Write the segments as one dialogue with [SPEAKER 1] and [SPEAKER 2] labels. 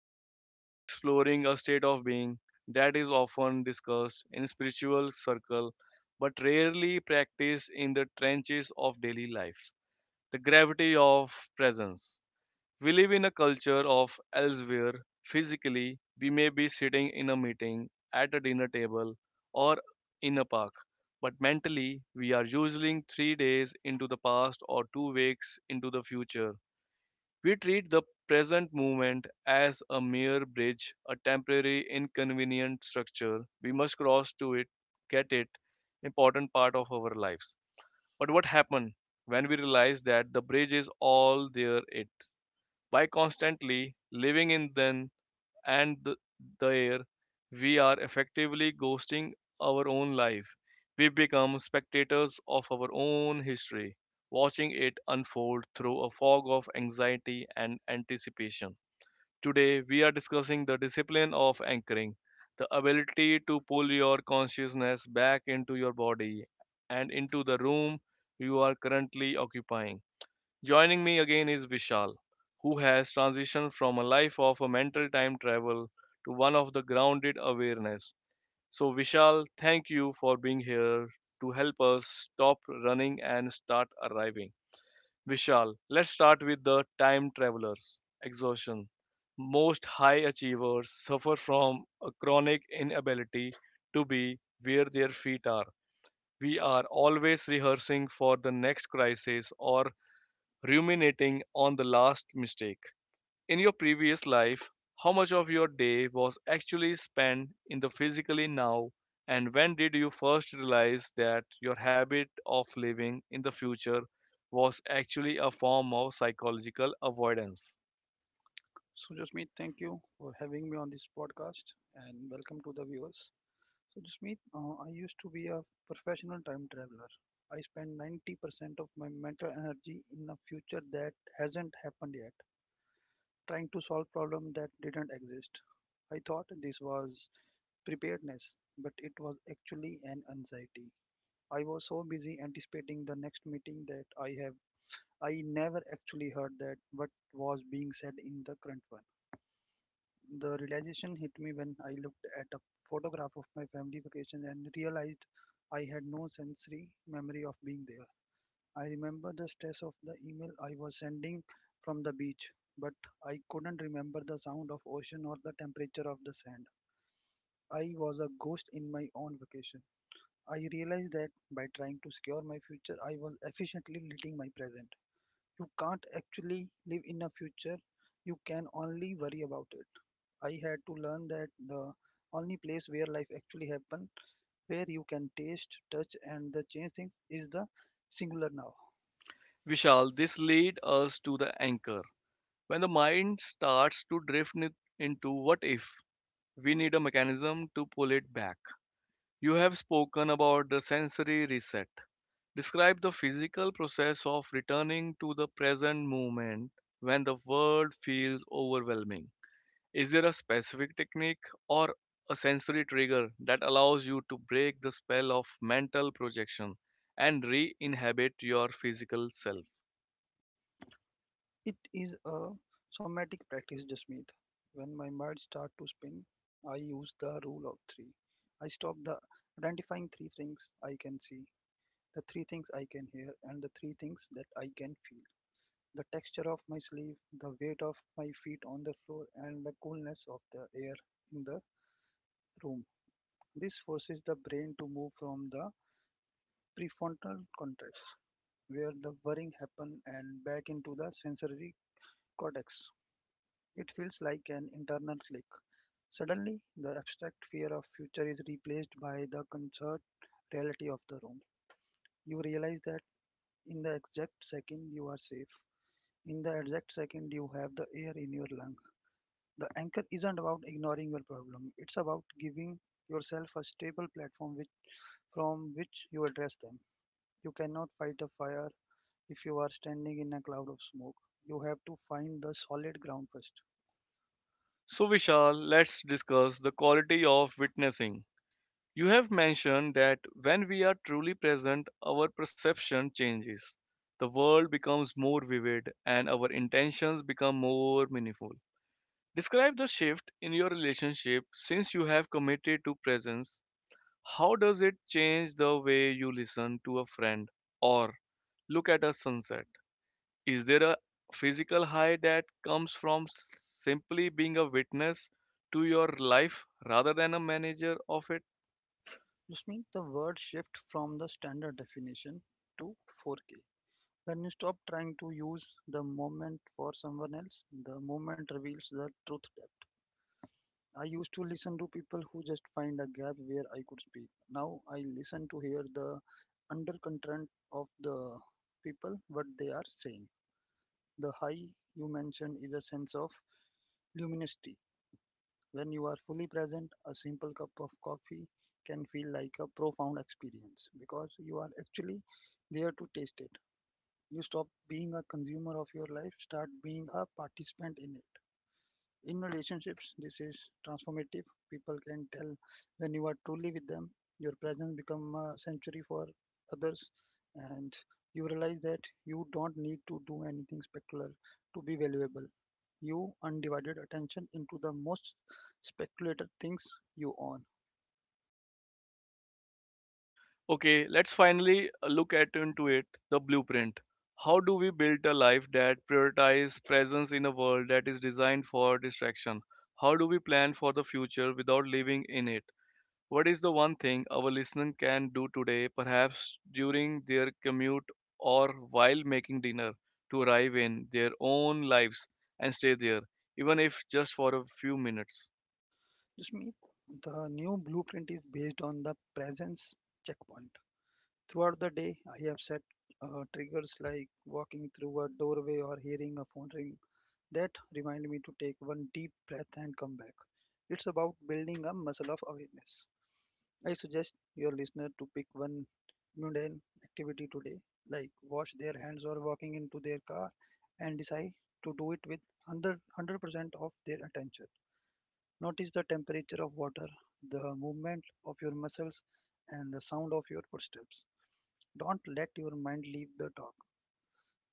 [SPEAKER 1] Today we are exploring a state of being that is often discussed in spiritual circle but rarely practiced in the trenches of daily life. The gravity of presence. We live in a culture of elsewhere. Physically, we may be sitting in a meeting, at a dinner table, or in a park. But mentally, we are usually 3 days into the past or 2 weeks into the future. We treat the present moment as a mere bridge, a temporary, inconvenient structure. We must cross to it, get it, important part of our lives. But what happens when we realize that the bridge is all there it? By constantly living in then and the air, we are effectively ghosting our own life. We become spectators of our own history, watching it unfold through a fog of anxiety and anticipation. Today, we are discussing the discipline of anchoring, the ability to pull your consciousness back into your body and into the room you are currently occupying. Joining me again is Vishal, who has transitioned from a life of a mental time travel to one of the grounded awareness. So, Vishal, thank you for being here to help us stop running and start arriving. Vishal, let's start with the time travelers. Exhaustion. Most high achievers suffer from a chronic inability to be where their feet are. We are always rehearsing for the next crisis or ruminating on the last mistake. In your previous life, how much of your day was actually spent in the physically now, and when did you first realize that your habit of living in the future was actually a form of psychological avoidance?
[SPEAKER 2] So, Jasmeet, thank you for having me on this podcast and welcome to the viewers. So, Jasmeet, I used to be a professional time traveler. I spend 90% of my mental energy in a future that hasn't happened yet, trying to solve problems that didn't exist. I thought this was preparedness, but it was actually an anxiety. I was so busy anticipating the next meeting that I never actually heard that what was being said in the current one. The realization hit me when I looked at a photograph of my family vacation and realized I had no sensory memory of being there. I remember the stress of the email I was sending from the beach, but I couldn't remember the sound of ocean or the temperature of the sand. I was a ghost in my own vacation. I realized that by trying to secure my future, I was efficiently leading my present. You can't actually live in a future, you can only worry about it. I had to learn that the only place where life actually happens, where you can taste, touch, and the change things, is the singular now.
[SPEAKER 1] Vishal, this leads us to the anchor. When the mind starts to drift into what if, we need a mechanism to pull it back. You have spoken about the sensory reset. Describe the physical process of returning to the present moment when the world feels overwhelming. Is there a specific technique or a sensory trigger that allows you to break the spell of mental projection and re inhabit your physical self?
[SPEAKER 2] It is a somatic practice, Jasmeet. When my mind starts to spin, I use the rule of three. I stop the identifying three things I can see, the three things I can hear, and the three things that I can feel. The texture of my sleeve, the weight of my feet on the floor, and the coolness of the air in the room. This forces the brain to move from the prefrontal cortex, where the worrying happens, and back into the sensory cortex. It feels like an internal click. Suddenly, the abstract fear of future is replaced by the concert reality of the room. You realize that in the exact second you are safe. In the exact second you have the air in your lung. The anchor isn't about ignoring your problem. It's about giving yourself a stable platform which, from which you address them. You cannot fight a fire if you are standing in a cloud of smoke. You have to find the solid ground first.
[SPEAKER 1] So, Vishal, let's discuss the quality of witnessing. You have mentioned that when we are truly present, our perception changes. The world becomes more vivid and our intentions become more meaningful. Describe the shift in your relationship since you have committed to presence. How does it change the way you listen to a friend or look at a sunset? Is there a physical high that comes from simply being a witness to your life rather than a manager of it?
[SPEAKER 2] This means the word shift from the standard definition to 4K. When you stop trying to use the moment for someone else, the moment reveals the truth depth. I used to listen to people who just find a gap where I could speak. Now I listen to hear the undercurrent of the people, what they are saying. The high you mentioned is a sense of luminosity. When you are fully present, a simple cup of coffee can feel like a profound experience because you are actually there to taste it. You stop being a consumer of your life, start being a participant in it. In relationships, this is transformative. People can tell when you are truly with them. Your presence become a sanctuary for others, and you realize that you don't need to do anything spectacular to be valuable. You undivided attention into the most speculated things you own.
[SPEAKER 1] Okay, let's finally look at into it the blueprint. How do we build a life that prioritizes presence in a world that is designed for distraction? How do we plan for the future without living in it? What is the one thing our listener can do today, perhaps during their commute or while making dinner, to arrive in their own lives and stay there, even if just for a few minutes?
[SPEAKER 2] Just me, the new blueprint is based on the presence checkpoint. Throughout the day, I have set triggers like walking through a doorway or hearing a phone ring. That reminded me to take one deep breath and come back. It's about building a muscle of awareness. I suggest your listener to pick one mundane activity today, like wash their hands or walking into their car, and decide to do it with 100% of their attention. Notice the temperature of water, the movement of your muscles, and the sound of your footsteps. Don't let your mind leave the talk.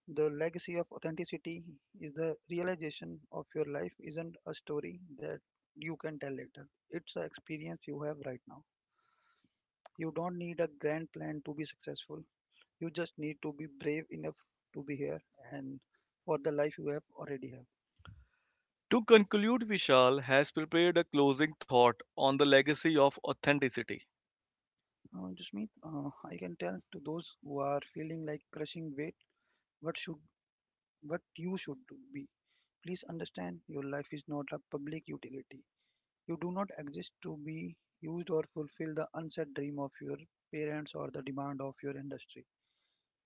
[SPEAKER 2] The legacy of authenticity is the realization of your life isn't a story that you can tell later. It's an experience you have right now. You don't need a grand plan to be successful. You just need to be brave enough to be here and for the life you have already have.
[SPEAKER 1] To conclude, Vishal has prepared a closing thought on the legacy of authenticity.
[SPEAKER 2] Jasmeet, I can tell to those who are feeling like crushing weight what should what you should do be. Please understand your life is not a public utility. You do not exist to be used or fulfill the unsaid dream of your parents or the demand of your industry.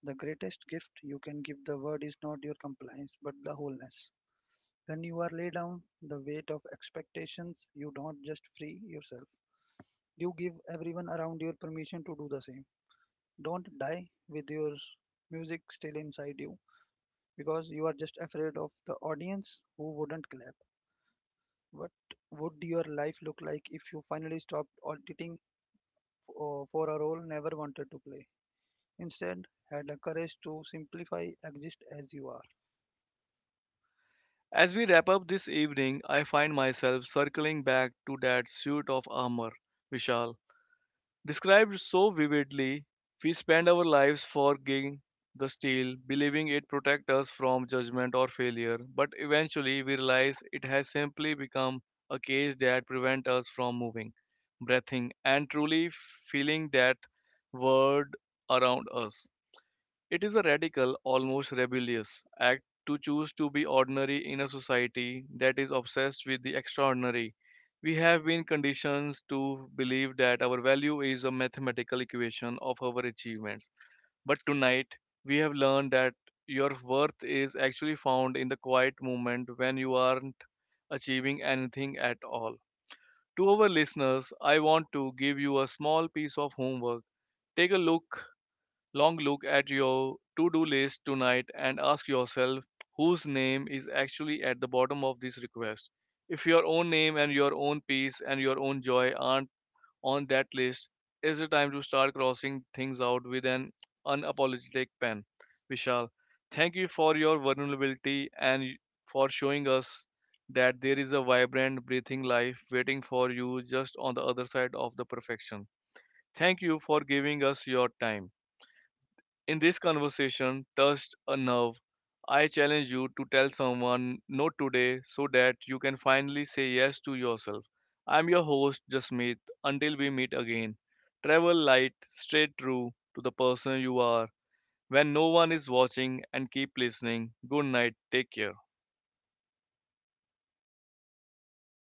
[SPEAKER 2] The greatest gift you can give the world is not your compliance, but the wholeness. When you are laid down the weight of expectations, you don't just free yourself. You give everyone around your permission to do the same. Don't die with your music still inside you because you are just afraid of the audience who wouldn't clap. What would your life look like if you finally stopped auditing for a role never wanted to play. Instead, had the courage to simplify, exist as you are.
[SPEAKER 1] As we wrap up this evening, I find myself circling back to that suit of armor, Vishal. Described so vividly, we spend our lives forging the steel, believing it protects us from judgment or failure, but eventually we realize it has simply become a cage that prevents us from moving, breathing, and truly feeling that world around us. It is a radical, almost rebellious act to choose to be ordinary in a society that is obsessed with the extraordinary. We have been conditioned to believe that our value is a mathematical equation of our achievements. But tonight, we have learned that your worth is actually found in the quiet moment when you aren't achieving anything at all. To our listeners, I want to give you a small piece of homework. Take a look Long look at your to do list tonight and ask yourself whose name is actually at the bottom of this request. If your own name and your own peace and your own joy aren't on that list, is it time to start crossing things out with an unapologetic pen? Vishal, thank you for your vulnerability and for showing us that there is a vibrant, breathing life waiting for you just on the other side of the perfection. Thank you for giving us your time. In this conversation, touched a nerve. I challenge you to tell someone no today so that you can finally say yes to yourself. I'm your host, Jasmeet. Until we meet again, travel light, straight true to the person you are when no one is watching, and keep listening. Good night. Take care.